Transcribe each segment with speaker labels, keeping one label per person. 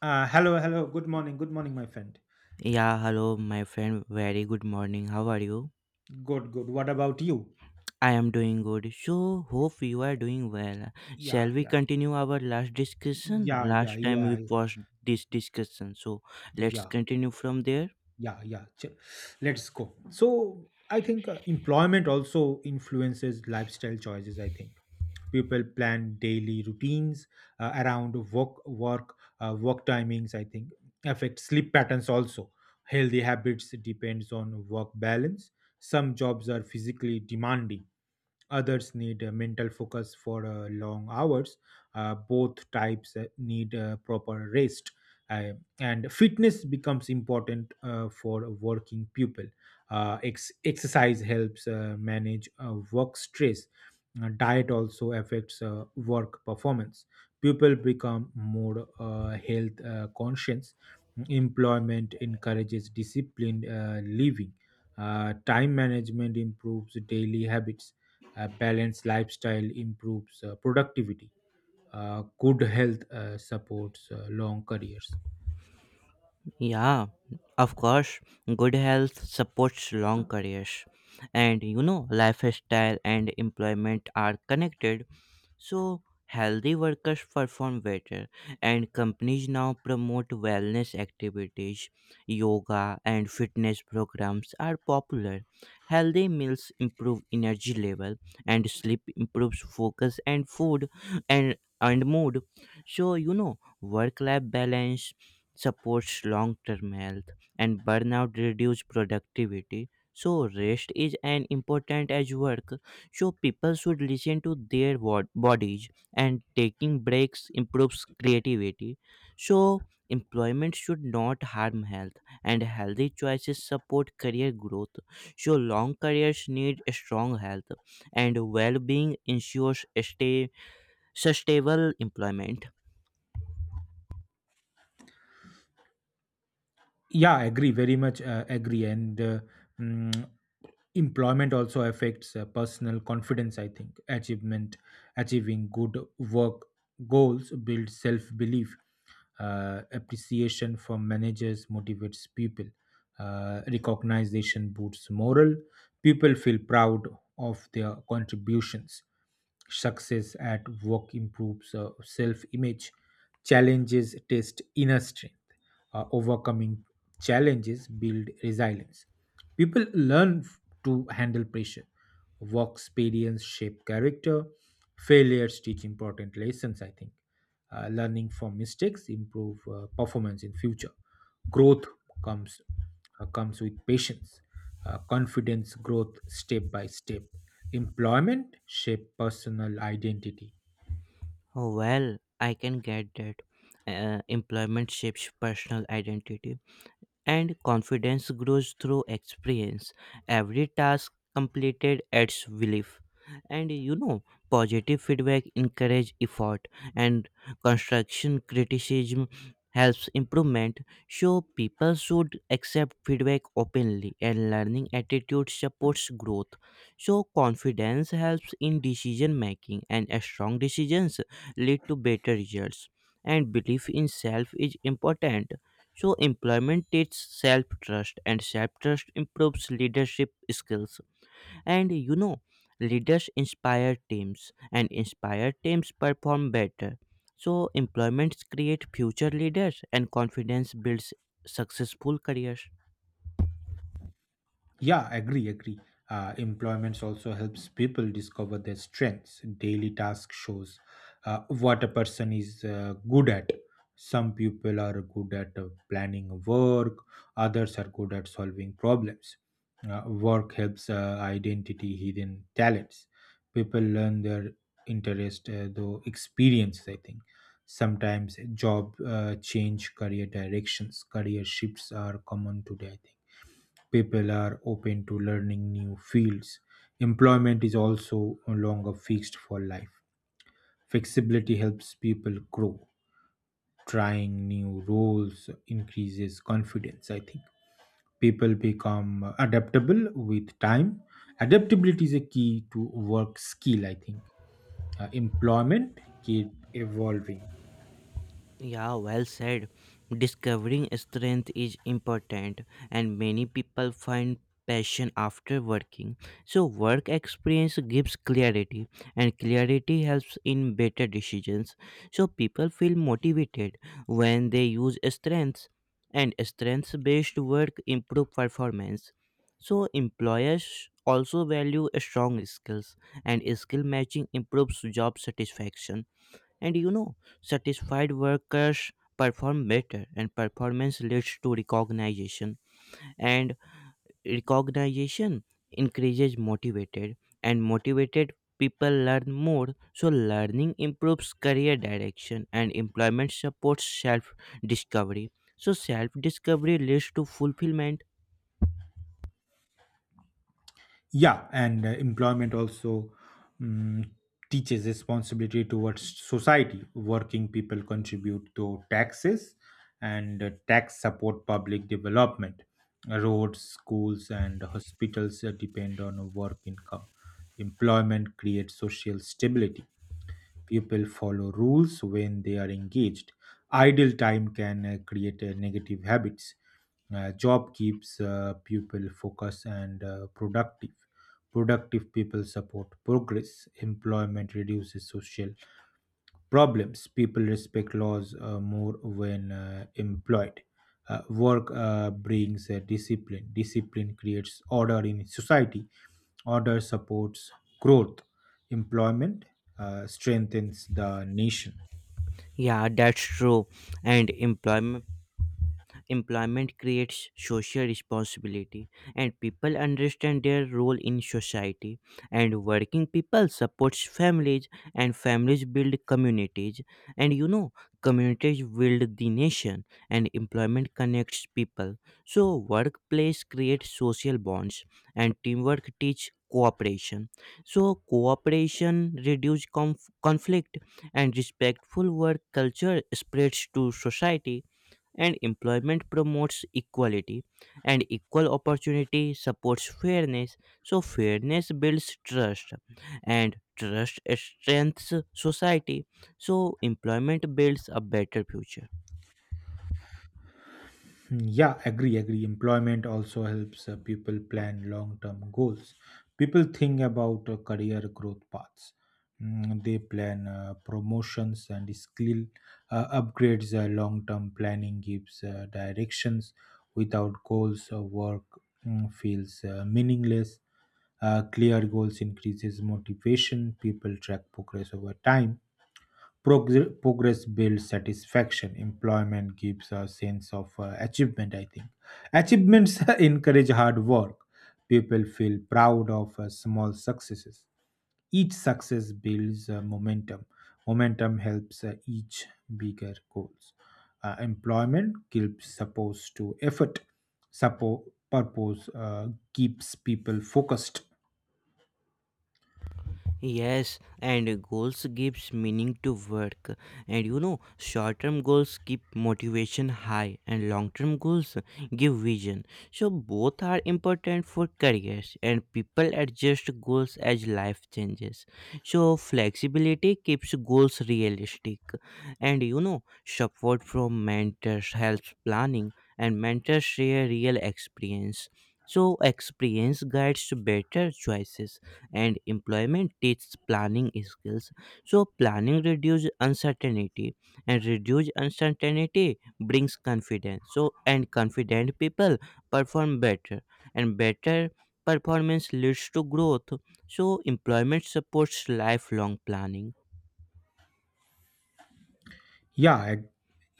Speaker 1: Hello, hello. Good morning. Good morning, my friend.
Speaker 2: Yeah, hello, my friend. Very good morning. How are you?
Speaker 1: Good, good. What about you?
Speaker 2: I am doing good. So, hope you are doing well.
Speaker 1: Yeah,
Speaker 2: Shall we
Speaker 1: yeah,
Speaker 2: continue our last discussion?
Speaker 1: yeah, yeah,
Speaker 2: Last time we
Speaker 1: yeah,
Speaker 2: paused this discussion. So, let's
Speaker 1: yeah,
Speaker 2: continue from there.
Speaker 1: yeah, yeah. Let's go. So I think employment also influences lifestyle choices. I think people plan daily routines around work timings. I think affect sleep patterns also. Healthy habits depends on work balance. Some jobs are physically demanding. Others need mental focus for long hours. Both types need proper rest. Uh, and fitness becomes important for working people. Exercise helps manage work stress. Diet also affects work performance. People become more health conscious. Employment encourages disciplined living. Time management improves daily habits. A balanced lifestyle improves productivity. Good health supports long careers.
Speaker 2: Yeah, of course. Good health supports long careers. And you know, lifestyle and employment are connected. So, healthy workers perform better, and companies now promote wellness activities. Yoga and fitness programs are popular. Healthy meals improve energy level, and sleep improves focus and food and mood. So, you know, work life balance supports long term health, and burnout reduces productivity. So, rest is an important as work. So people should listen to their bodies and taking breaks improves creativity. So employment should not harm health and healthy choices support career growth. So long careers need strong health and well-being ensures stay sustainable employment.
Speaker 1: Yeah, I agree very much, agree. And uh, mm, employment also affects personal confidence, I think. Achievement Achieving good work goals builds self belief. Appreciation from managers motivates people. Recognition boosts morale. People feel proud of their contributions. Success at work improves self image, challenges test inner strength. Overcoming challenges build resilience. People learn to handle pressure, work experience shape character, failures teach important lessons, I think. Learning from mistakes improve performance in future. Growth comes uh, comes with patience. Confidence growth step by step. Employment shape personal identity.
Speaker 2: Well, I can get that. Employment shapes personal identity and confidence grows through experience. Every task completed adds belief. And you know, positive feedback encourage effort and construction criticism helps improvement. So people should accept feedback openly and learning attitude supports growth. So confidence helps in decision making and strong decisions lead to better results. And belief in self is important, so employment teaches self trust, and self trust improves leadership skills. And you know, leaders inspire teams, and inspire teams perform better. So, employments create future leaders, and confidence builds successful careers.
Speaker 1: Yeah, agree, agree. Employments also helps people discover their strengths. Daily task shows what a person is good at. Some people are good at planning work, others are good at solving problems. Work helps identity hidden talents. People learn their interest though experience, I think. Sometimes job change career directions, career shifts are common today, I think. People are open to learning new fields. Employment is also no longer fixed for life. Flexibility helps people grow. Trying new roles increases confidence, I think. People become adaptable with time. Adaptability is a key to work skill, I think. Employment keep evolving.
Speaker 2: Yeah, well said. Discovering strength is important, and many people find passion after working. So, work experience gives clarity, and clarity helps in better decisions. So, people feel motivated when they use strengths, and strengths based work improve performance. So, employers also value strong skills, and skill matching improves job satisfaction and you know, satisfied workers perform better, and performance leads to recognition. And recognition increases motivated, and motivated people learn more. So, learning improves career direction, and employment supports self discovery. So, self discovery leads to fulfillment.
Speaker 1: Yeah, and employment also mm, teaches responsibility towards society. Working people contribute to taxes, and tax support public development. Roads, schools and hospitals depend on work income. Employment creates social stability. People follow rules when they are engaged. Idle time can create negative habits. Job keeps people focused and productive. Productive people support progress. Employment reduces social problems. People respect laws more when employed. Work brings discipline. Discipline creates order in society. Order supports growth. Employment strengthens the nation.
Speaker 2: Yeah, that's true. And employment creates social responsibility and people understand their role in society and working people supports families and families build communities and you know communities build the nation and employment connects people, so workplace creates social bonds and teamwork teach cooperation, so cooperation reduce conflict and respectful work culture spreads to society and employment promotes equality and equal opportunity supports fairness, so fairness builds trust and trust strengthens society, so employment builds a better future.
Speaker 1: Yeah, agree, agree. Employment also helps people plan long term goals. People think about career growth paths. They plan promotions and skill upgrades. Long term planning gives directions. Without goals, work feels meaningless. Clear goals increases motivation. People track progress over time. Progress builds satisfaction. Employment gives a sense of achievement, I think. Achievements encourage hard work. People feel proud of small successes. Each success builds momentum. Momentum helps each bigger goals. Employment gives support to effort. Support purpose keeps people focused.
Speaker 2: Yes, and goals gives meaning to work. And you know, short-term goals keep motivation high and long-term goals give vision. So both are important for careers and people adjust goals as life changes. So flexibility keeps goals realistic. And you know, support from mentors helps planning and mentors share real experience. So experience guides better choices and employment teaches planning skills, so planning reduces uncertainty and reduced uncertainty brings confidence, so and confident people perform better and better performance leads to growth, so employment supports lifelong planning.
Speaker 1: Yeah, e-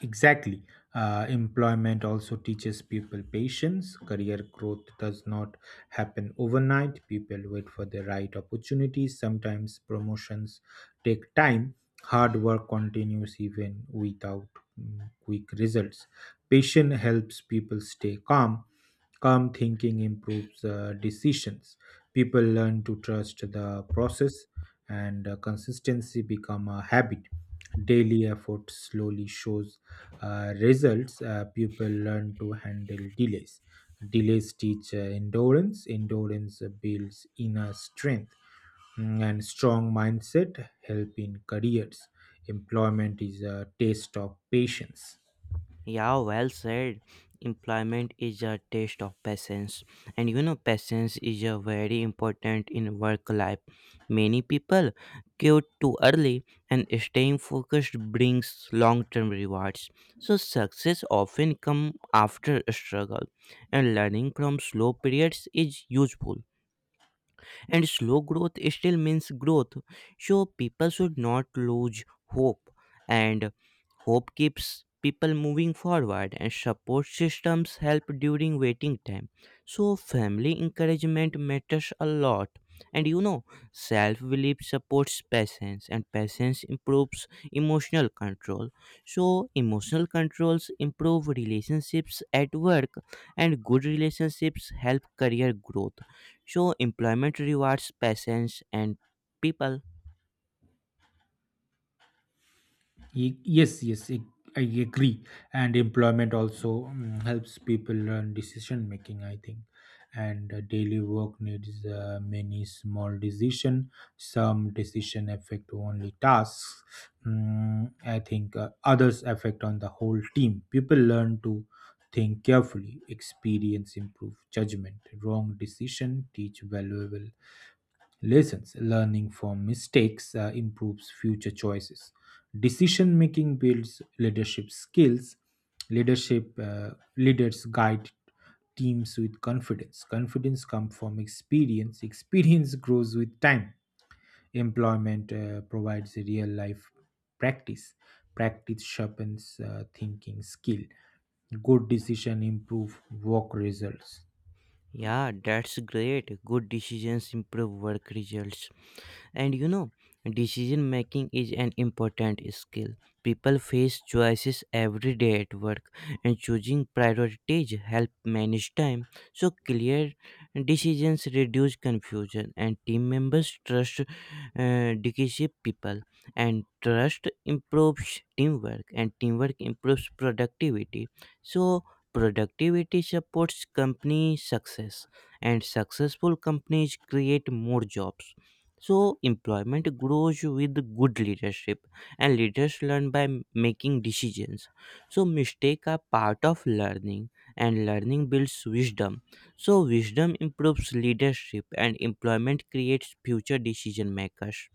Speaker 1: exactly. Employment also teaches people patience. Career growth does not happen overnight. People wait for the right opportunities. Sometimes promotions take time. Hard work continues even without quick results. Patience helps people stay calm. Calm thinking improves decisions. People learn to trust the process, and consistency become a habit. Daily effort slowly shows results. People learn to handle delays. Delays teach endurance. Endurance builds inner strength. And strong mindset help in careers. Employment is a taste of patience.
Speaker 2: Yeah, well said. Employment is a test of patience, and you know, patience is a very important in work life. Many people quit too early, and staying focused brings long-term rewards. So, success often come after a struggle, and learning from slow periods is useful and slow growth still means growth, so people should not lose hope and hope keeps people moving forward and support systems help during waiting time, so family encouragement matters a lot and you know self belief supports patience and patience improves emotional control, so emotional controls improve relationships at work and good relationships help career growth, so employment rewards patience and people.
Speaker 1: Yes, yes, I agree. And employment also helps people learn decision making, I think. And daily work needs many small decision. Some decision affect only tasks. I think others affect on the whole team. People learn to think carefully. Experience improve judgment. Wrong decision teach valuable lessons. Learning from mistakes improves future choices. Decision making builds leadership skills. Leadership uh, Leaders guide teams with confidence. Confidence comes from experience. Experience grows with time. Employment provides real life practice. Practice sharpens thinking skill. Good decision improve work results.
Speaker 2: Yeah, that's great. Good decisions improve work results. And you know, decision making is an important skill. People face choices every day at work, and choosing priorities help manage time. So clear decisions reduce confusion, and team members trust leadership people, and trust improves teamwork, and teamwork improves productivity. So productivity supports company success, and successful companies create more jobs, so employment grows with good leadership, and leaders learn by making decisions. So, mistakes are part of learning, and learning builds wisdom. So, wisdom improves leadership, and employment creates future decision makers.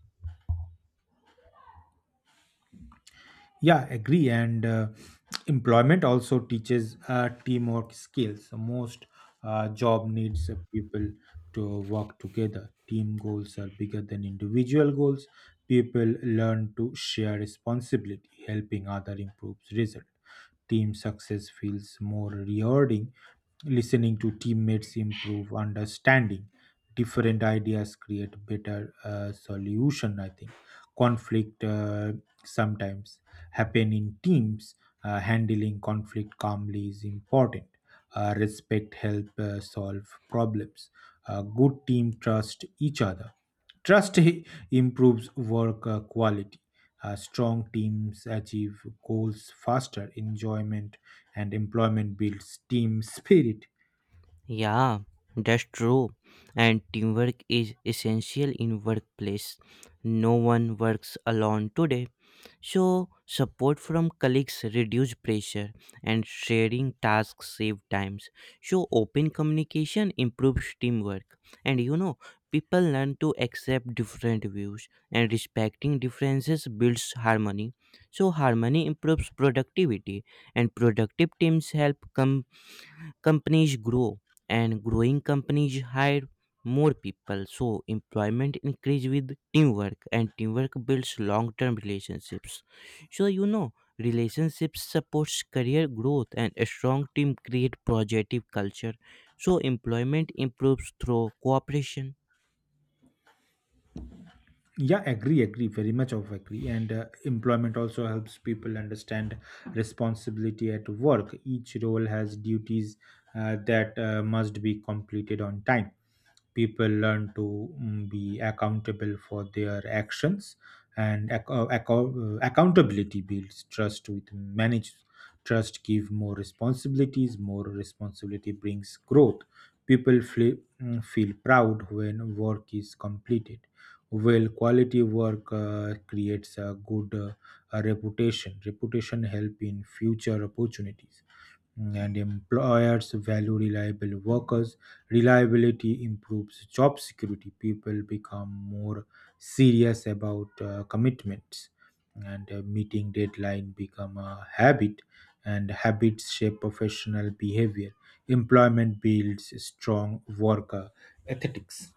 Speaker 1: Yeah, agree. And employment also teaches teamwork skills. So most job needs people to work together. Team goals are bigger than individual goals. People learn to share responsibility, helping other improves result. Team success feels more rewarding. Listening to teammates improve understanding. Different ideas create better solution. I think conflict sometimes happen in teams. Handling conflict calmly is important. Respect help solve problems. A good team trust each other. Trust I- improves work quality. Strong teams achieve goals faster. Enjoyment and employment builds team spirit.
Speaker 2: Yeah, that's true. And teamwork is essential in workplace. No one works alone today. So, support from colleagues reduce pressure and sharing tasks save times. So, open communication improves teamwork. And you know, people learn to accept different views and respecting differences builds harmony. So, harmony improves productivity and productive teams help companies grow and growing companies hire more people, so employment increase with teamwork and teamwork builds long term relationships, so you know relationships supports career growth and a strong team create positive culture, so employment improves through cooperation.
Speaker 1: Yeah, agree, agree, very much of agree. And employment also helps people understand responsibility at work. Each role has duties that must be completed on time. People learn to be accountable for their actions, and accountability builds trust with manage. Trust give more responsibilities. More responsibility brings growth. People feel proud when work is completed well. Quality work creates a good a reputation. Reputation help in future opportunities. And employers value reliable workers. Reliability improves job security. People become more serious about commitments, and meeting deadline become a habit, and habits shape professional behavior. Employment builds strong work ethics.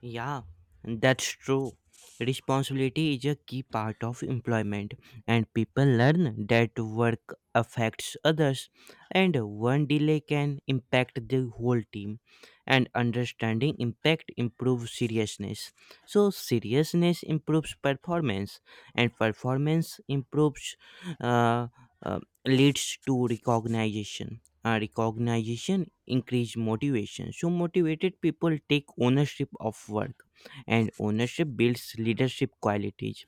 Speaker 2: Yeah, that's true. Responsibility is a key part of employment, and people learn that work affects others, and one delay can impact the whole team. And understanding impact improves seriousness. So, seriousness improves performance, and performance improves, uh, leads to recognition. Recognition increase motivation, so motivated people take ownership of work and ownership builds leadership qualities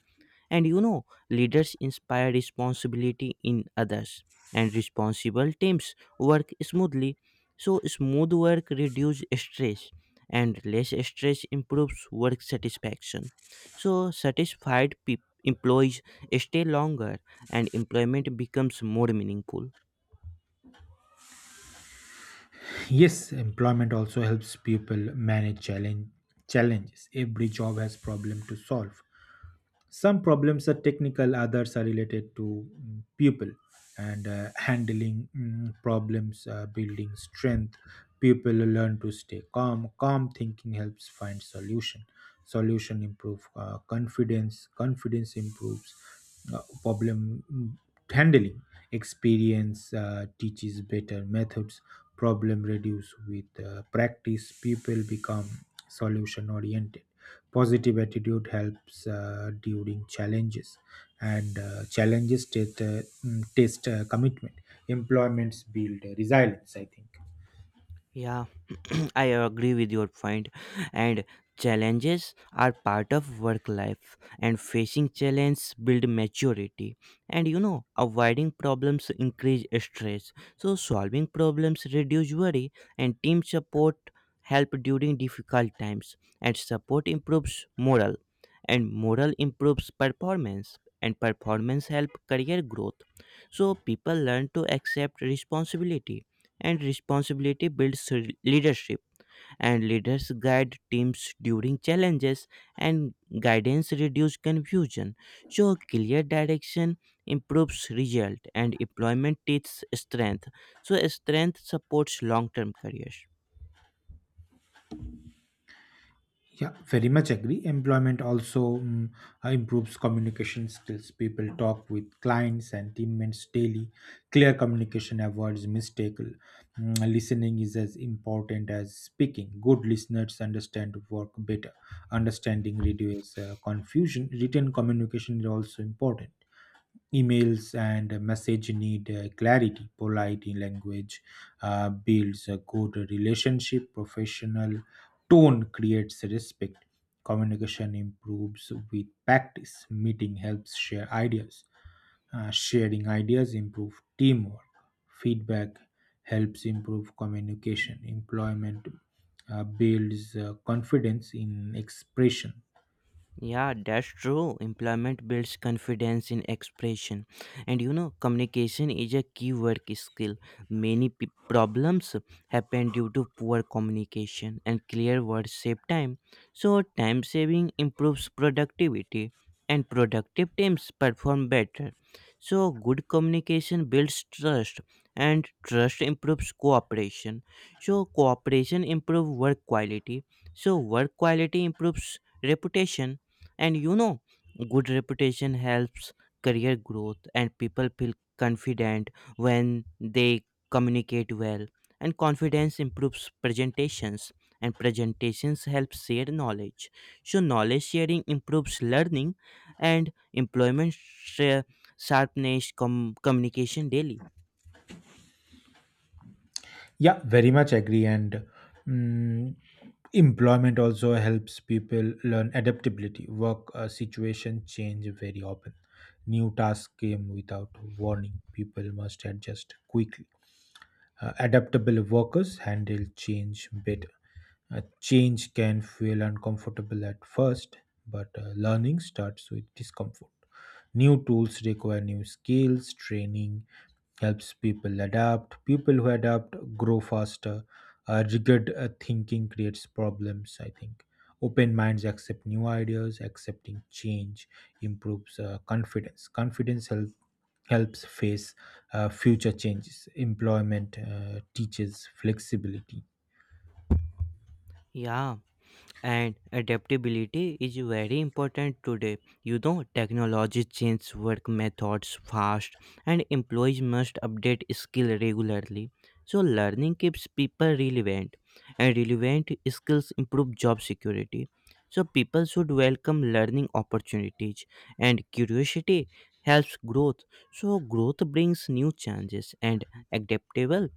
Speaker 2: and you know leaders inspire responsibility in others and responsible teams work smoothly, so smooth work reduces stress and less stress improves work satisfaction, so satisfied peop employees stay longer and employment becomes more meaningful.
Speaker 1: Yes, employment also helps people manage challenges. Every job has problem to solve, some problems are technical, others are related to people and handling problems, building strength. People learn to stay calm. Calm thinking helps find solution. Solution improve confidence. Confidence improves uh, problem mm, handling. Experience teaches better methods. Problem reduce with practice. People become solution oriented. Positive attitude helps during challenges, and challenges test commitment. Employments build resilience, I think.
Speaker 2: Yeah, I agree with your point. And challenges are part of work life, and facing challenges build maturity. And you know, avoiding problems increase stress. So solving problems reduce worry, and team support help during difficult times. And support improves morale, and morale improves performance, and performance help career growth. So people learn to accept responsibility and responsibility builds leadership and leaders guide teams during challenges and guidance reduces confusion, so clear direction improves result and employment teaches strength, so strength supports long term careers.
Speaker 1: Yeah, very much agree. Employment also improves communication skills. People talk with clients and teammates daily. Clear communication avoids mistake. Listening is as important as speaking. Good listeners understand work better. Understanding reduces confusion. Written communication is also important. Emails and message need clarity. Polite language builds a good relationship. Professional tone creates respect. Communication improves with practice. Meeting helps share ideas. Sharing ideas improve teamwork. Feedback helps improve communication. Employment builds confidence in expression.
Speaker 2: Yeah, that's true. Employment builds confidence in expression. And you know, communication is a key work skill. Many problems happen due to poor communication, and clear words save time. So, time saving improves productivity, and productive teams perform better. So, good communication builds trust, and trust improves cooperation. So, cooperation improves work quality. So, work quality improves reputation and you know, good reputation helps career growth, and people feel confident when they communicate well. And confidence improves presentations, and presentations help share knowledge. So, knowledge sharing improves learning, and employment sharpness communication daily.
Speaker 1: Yeah, very much agree. And mm, employment also helps people learn adaptability. Work situation change very often. New tasks came without warning. People must adjust quickly. Adaptable workers handle change better. Change can feel uncomfortable at first, but learning starts with discomfort. New tools require new skills. Training helps people adapt. People who adapt grow faster. Rigid thinking creates problems, I think. Open minds accept new ideas. Accepting change improves confidence. Helps face future changes. Employment teaches flexibility.
Speaker 2: Yeah. And adaptability is very important today. You know, technology changes work methods fast, and employees must update skill regularly. So, learning keeps people relevant, and relevant skills improve job security. So, people should welcome learning opportunities, and curiosity helps growth. So, growth brings new challenges, and adaptable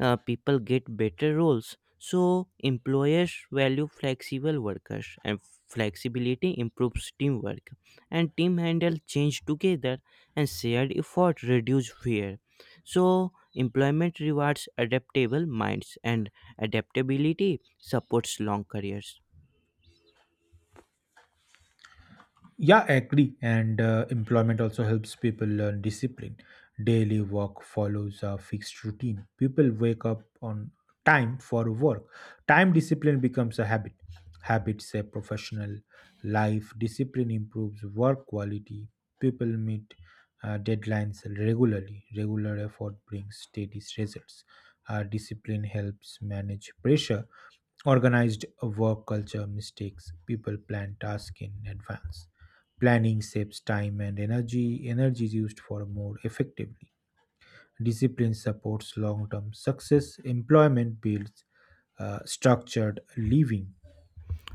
Speaker 2: people get better roles. So employers value flexible workers, and flexibility improves teamwork. And team handle change together, and shared effort reduce fear. So employment rewards adaptable minds, and adaptability supports long careers.
Speaker 1: Yeah, I agree. And employment also helps people learn discipline. Daily work follows a fixed routine. People wake up on time for work. Time discipline becomes a habit. Habits a professional life. Discipline improves work quality. People meet deadlines regularly. Regular effort brings steady results. Discipline helps manage pressure. Organized work culture mistakes. People plan tasks in advance. Planning saves time and energy. Energy is used for more effectively. Discipline supports long term success. Employment builds structured living.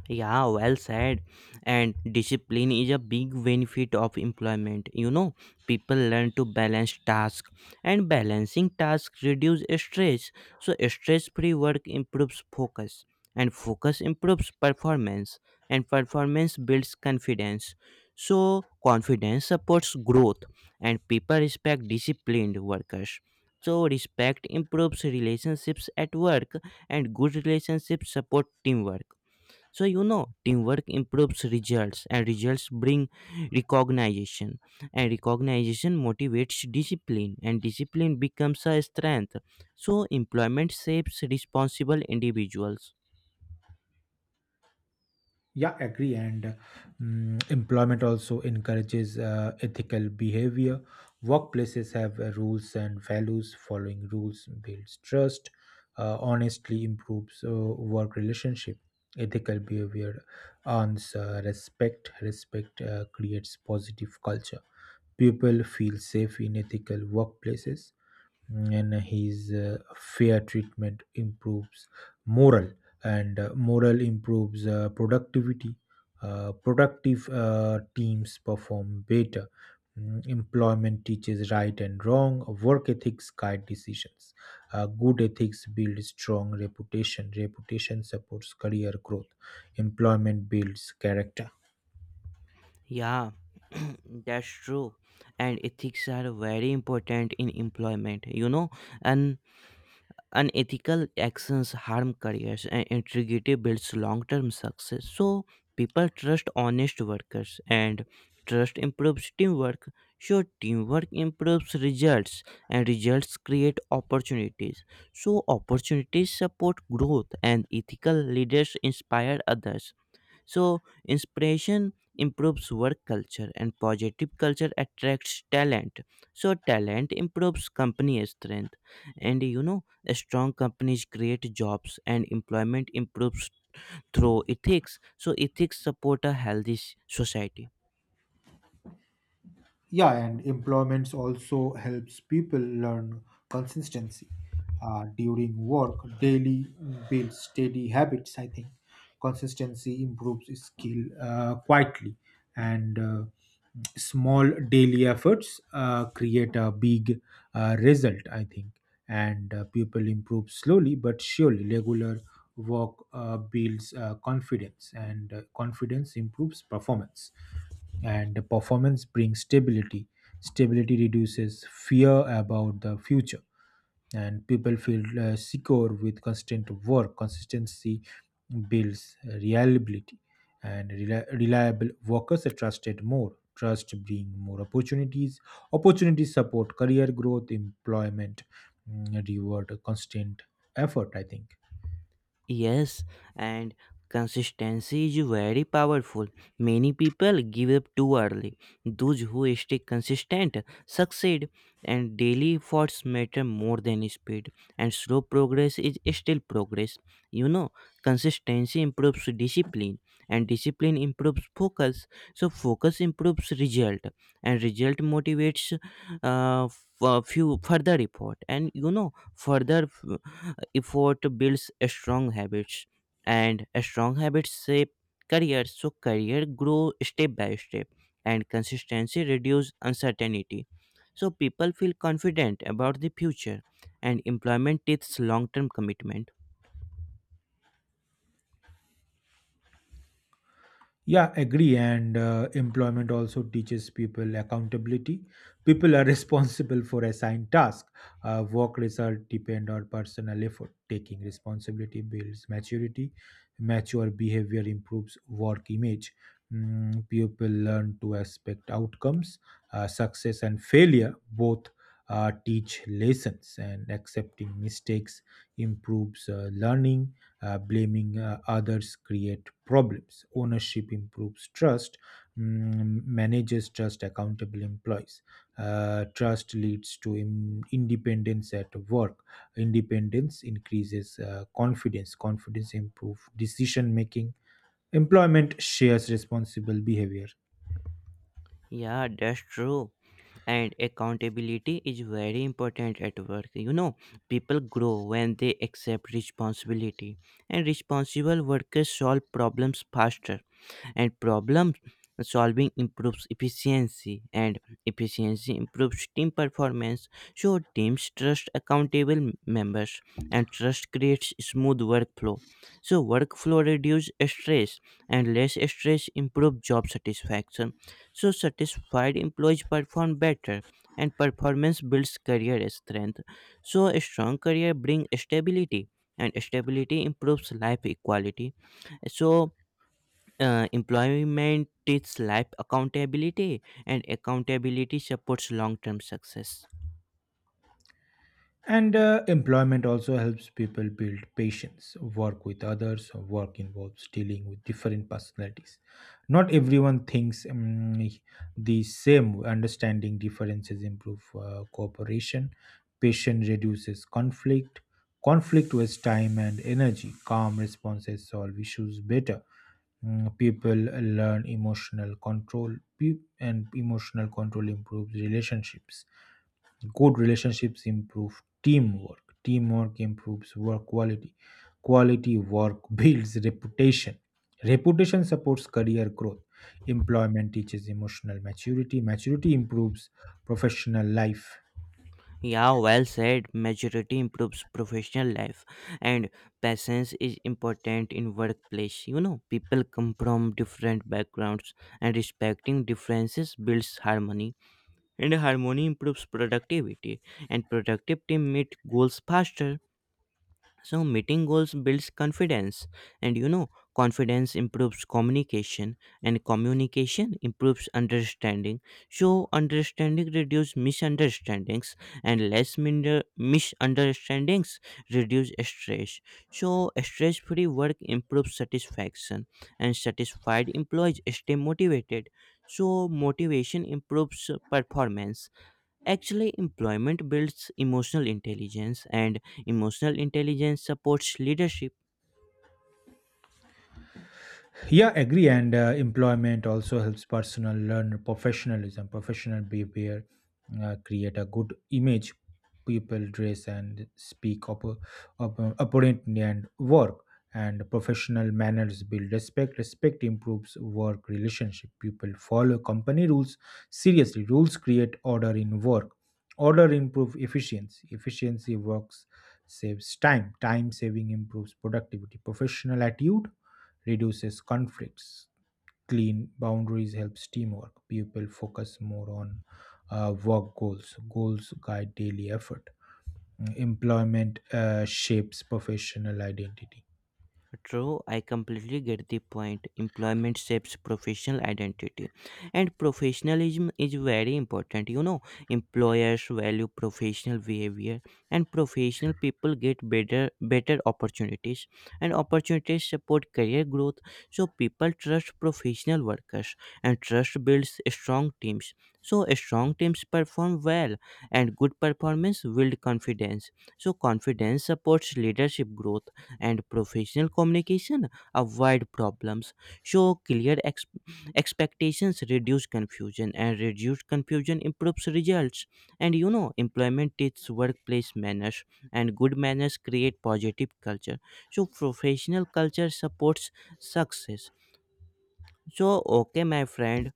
Speaker 2: Yeah, well said. And discipline is a big benefit of employment. You know, people learn to balance tasks, and balancing tasks reduce stress. So, stress-free work improves focus, and focus improves performance, and performance builds confidence. So, confidence supports growth, and people respect disciplined workers. So, respect improves relationships at work, and good relationships support teamwork, so you know teamwork improves results and results bring recognition and recognition motivates discipline and discipline becomes a strength, so employment shapes responsible individuals.
Speaker 1: Yeah, agree. And employment also encourages ethical behavior. Workplaces have rules and values. Following rules builds trust. Honestly improves work relationship. Ethical behavior earns respect. Respect creates positive culture. People feel safe in ethical workplaces, and his fair treatment improves moral, and moral improves productivity. Productive teams perform better. Employment teaches right and wrong. Work ethics guide decisions. Good ethics build strong reputation. Reputation supports career growth. Employment builds character.
Speaker 2: Yeah, that's true. And ethics are very important in employment, you know. And unethical actions harm careers and integrity builds long-term success, so people trust honest workers and trust improves teamwork, so teamwork improves results and results create opportunities, so opportunities support growth and ethical leaders inspire others, so inspiration improves work culture and positive culture attracts talent. So, talent improves company strength. And you know, strong companies create jobs and employment improves through ethics. So, ethics support a healthy society.
Speaker 1: Yeah, and employments also helps people learn consistency during work. Daily builds steady habits, I think. Consistency improves skill quietly, and small daily efforts create a big result, I think. And people improve slowly but surely. Regular work builds confidence, and confidence improves performance, and the performance brings stability. Stability reduces fear about the future, and people feel secure with constant work. Consistency builds reliability, and reliable workers are trusted more. Trust bring more opportunities. Opportunities support career growth. Employment reward constant effort, I think.
Speaker 2: Yes, and consistency is very powerful. Many people give up too early. Those who stay consistent succeed, and daily efforts matter more than speed. And slow progress is still progress. You know, consistency improves discipline, and discipline improves focus. So, focus improves result, and result motivates few further effort. And you know, further effort builds strong habits, and strong habits shape career. So career grow step by step, and consistency reduce uncertainty. So people feel confident about the future, and employment is long-term commitment.
Speaker 1: Yeah, agree. And employment also teaches people accountability. People are responsible for assigned tasks. Work result depend on personal effort. Taking responsibility builds maturity. Mature behavior improves work image. People learn to expect outcomes. Success and failure both teach lessons, and accepting mistakes improves learning. Blaming others create problems. Ownership improves trust. Manages trust, accountable employees. Trust leads to independence at work. Independence increases confidence. Confidence improves decision making. Employment shares responsible behavior.
Speaker 2: Yeah, that's true. And accountability is very important at work. You know, people grow when they accept responsibility, and responsible workers solve problems faster and problem solving improves efficiency and efficiency improves team performance, so teams trust accountable members and trust creates smooth workflow, so workflow reduces stress and less stress improves job satisfaction, so satisfied employees perform better and performance builds career strength, so a strong career brings stability and stability improves life equality, so employment teaches life accountability and accountability supports long-term success.
Speaker 1: And employment also helps people build patience, work with others. Work involves dealing with different personalities. Not everyone thinks the same. Understanding differences improve cooperation. Patience reduces conflict. Conflict wastes time and energy. Calm responses solve issues better. People learn emotional control, and emotional control improves relationships. Good relationships improve teamwork. Teamwork improves work quality. Quality work builds reputation. Reputation supports career growth. Employment teaches emotional maturity. Maturity improves professional life.
Speaker 2: Yeah, well said. Maturity improves professional life. And patience is important in workplace, you know. People come from different backgrounds and respecting differences builds harmony and harmony improves productivity and productive team meet goals faster. So, meeting goals builds confidence, and you know, confidence improves communication, and communication improves understanding. So, understanding reduces misunderstandings, and less misunderstandings reduce stress. So, stress free work improves satisfaction, and satisfied employees stay motivated. So, motivation improves performance. Actually, employment builds emotional intelligence, and emotional intelligence supports leadership.
Speaker 1: Yeah, agree. And employment also helps personal learn professionalism, professional behavior, create a good image. People dress and speak up, apparently and work. And professional manners build respect. Respect improves work relationship. People follow company rules seriously. Rules create order in work. Order improves efficiency. Efficiency works saves time. Time saving improves productivity. Professional attitude reduces conflicts. Clean boundaries helps teamwork. People focus more on work goals. Goals guide daily effort. Employment shapes professional identity.
Speaker 2: True, I completely get the point. Employment shapes professional identity, and professionalism is very important. You know, employers value professional behavior, and professional people get better opportunities, and opportunities support career growth. So people trust professional workers, and trust builds strong teams. So strong teams perform well, and good performance build confidence. So confidence supports leadership growth and professional communication avoid problems, show clear expectations reduce confusion and reduced confusion improves results and you know employment teaches workplace manners and good manners create positive culture, so professional culture supports success. So, okay, my friend,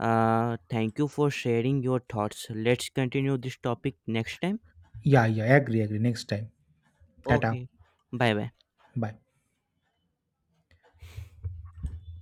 Speaker 2: thank you for sharing your thoughts. Let's continue this topic next time.
Speaker 1: Yeah, yeah, agree, agree. Next time. Tata.
Speaker 2: Okay, bye bye.
Speaker 1: Bye.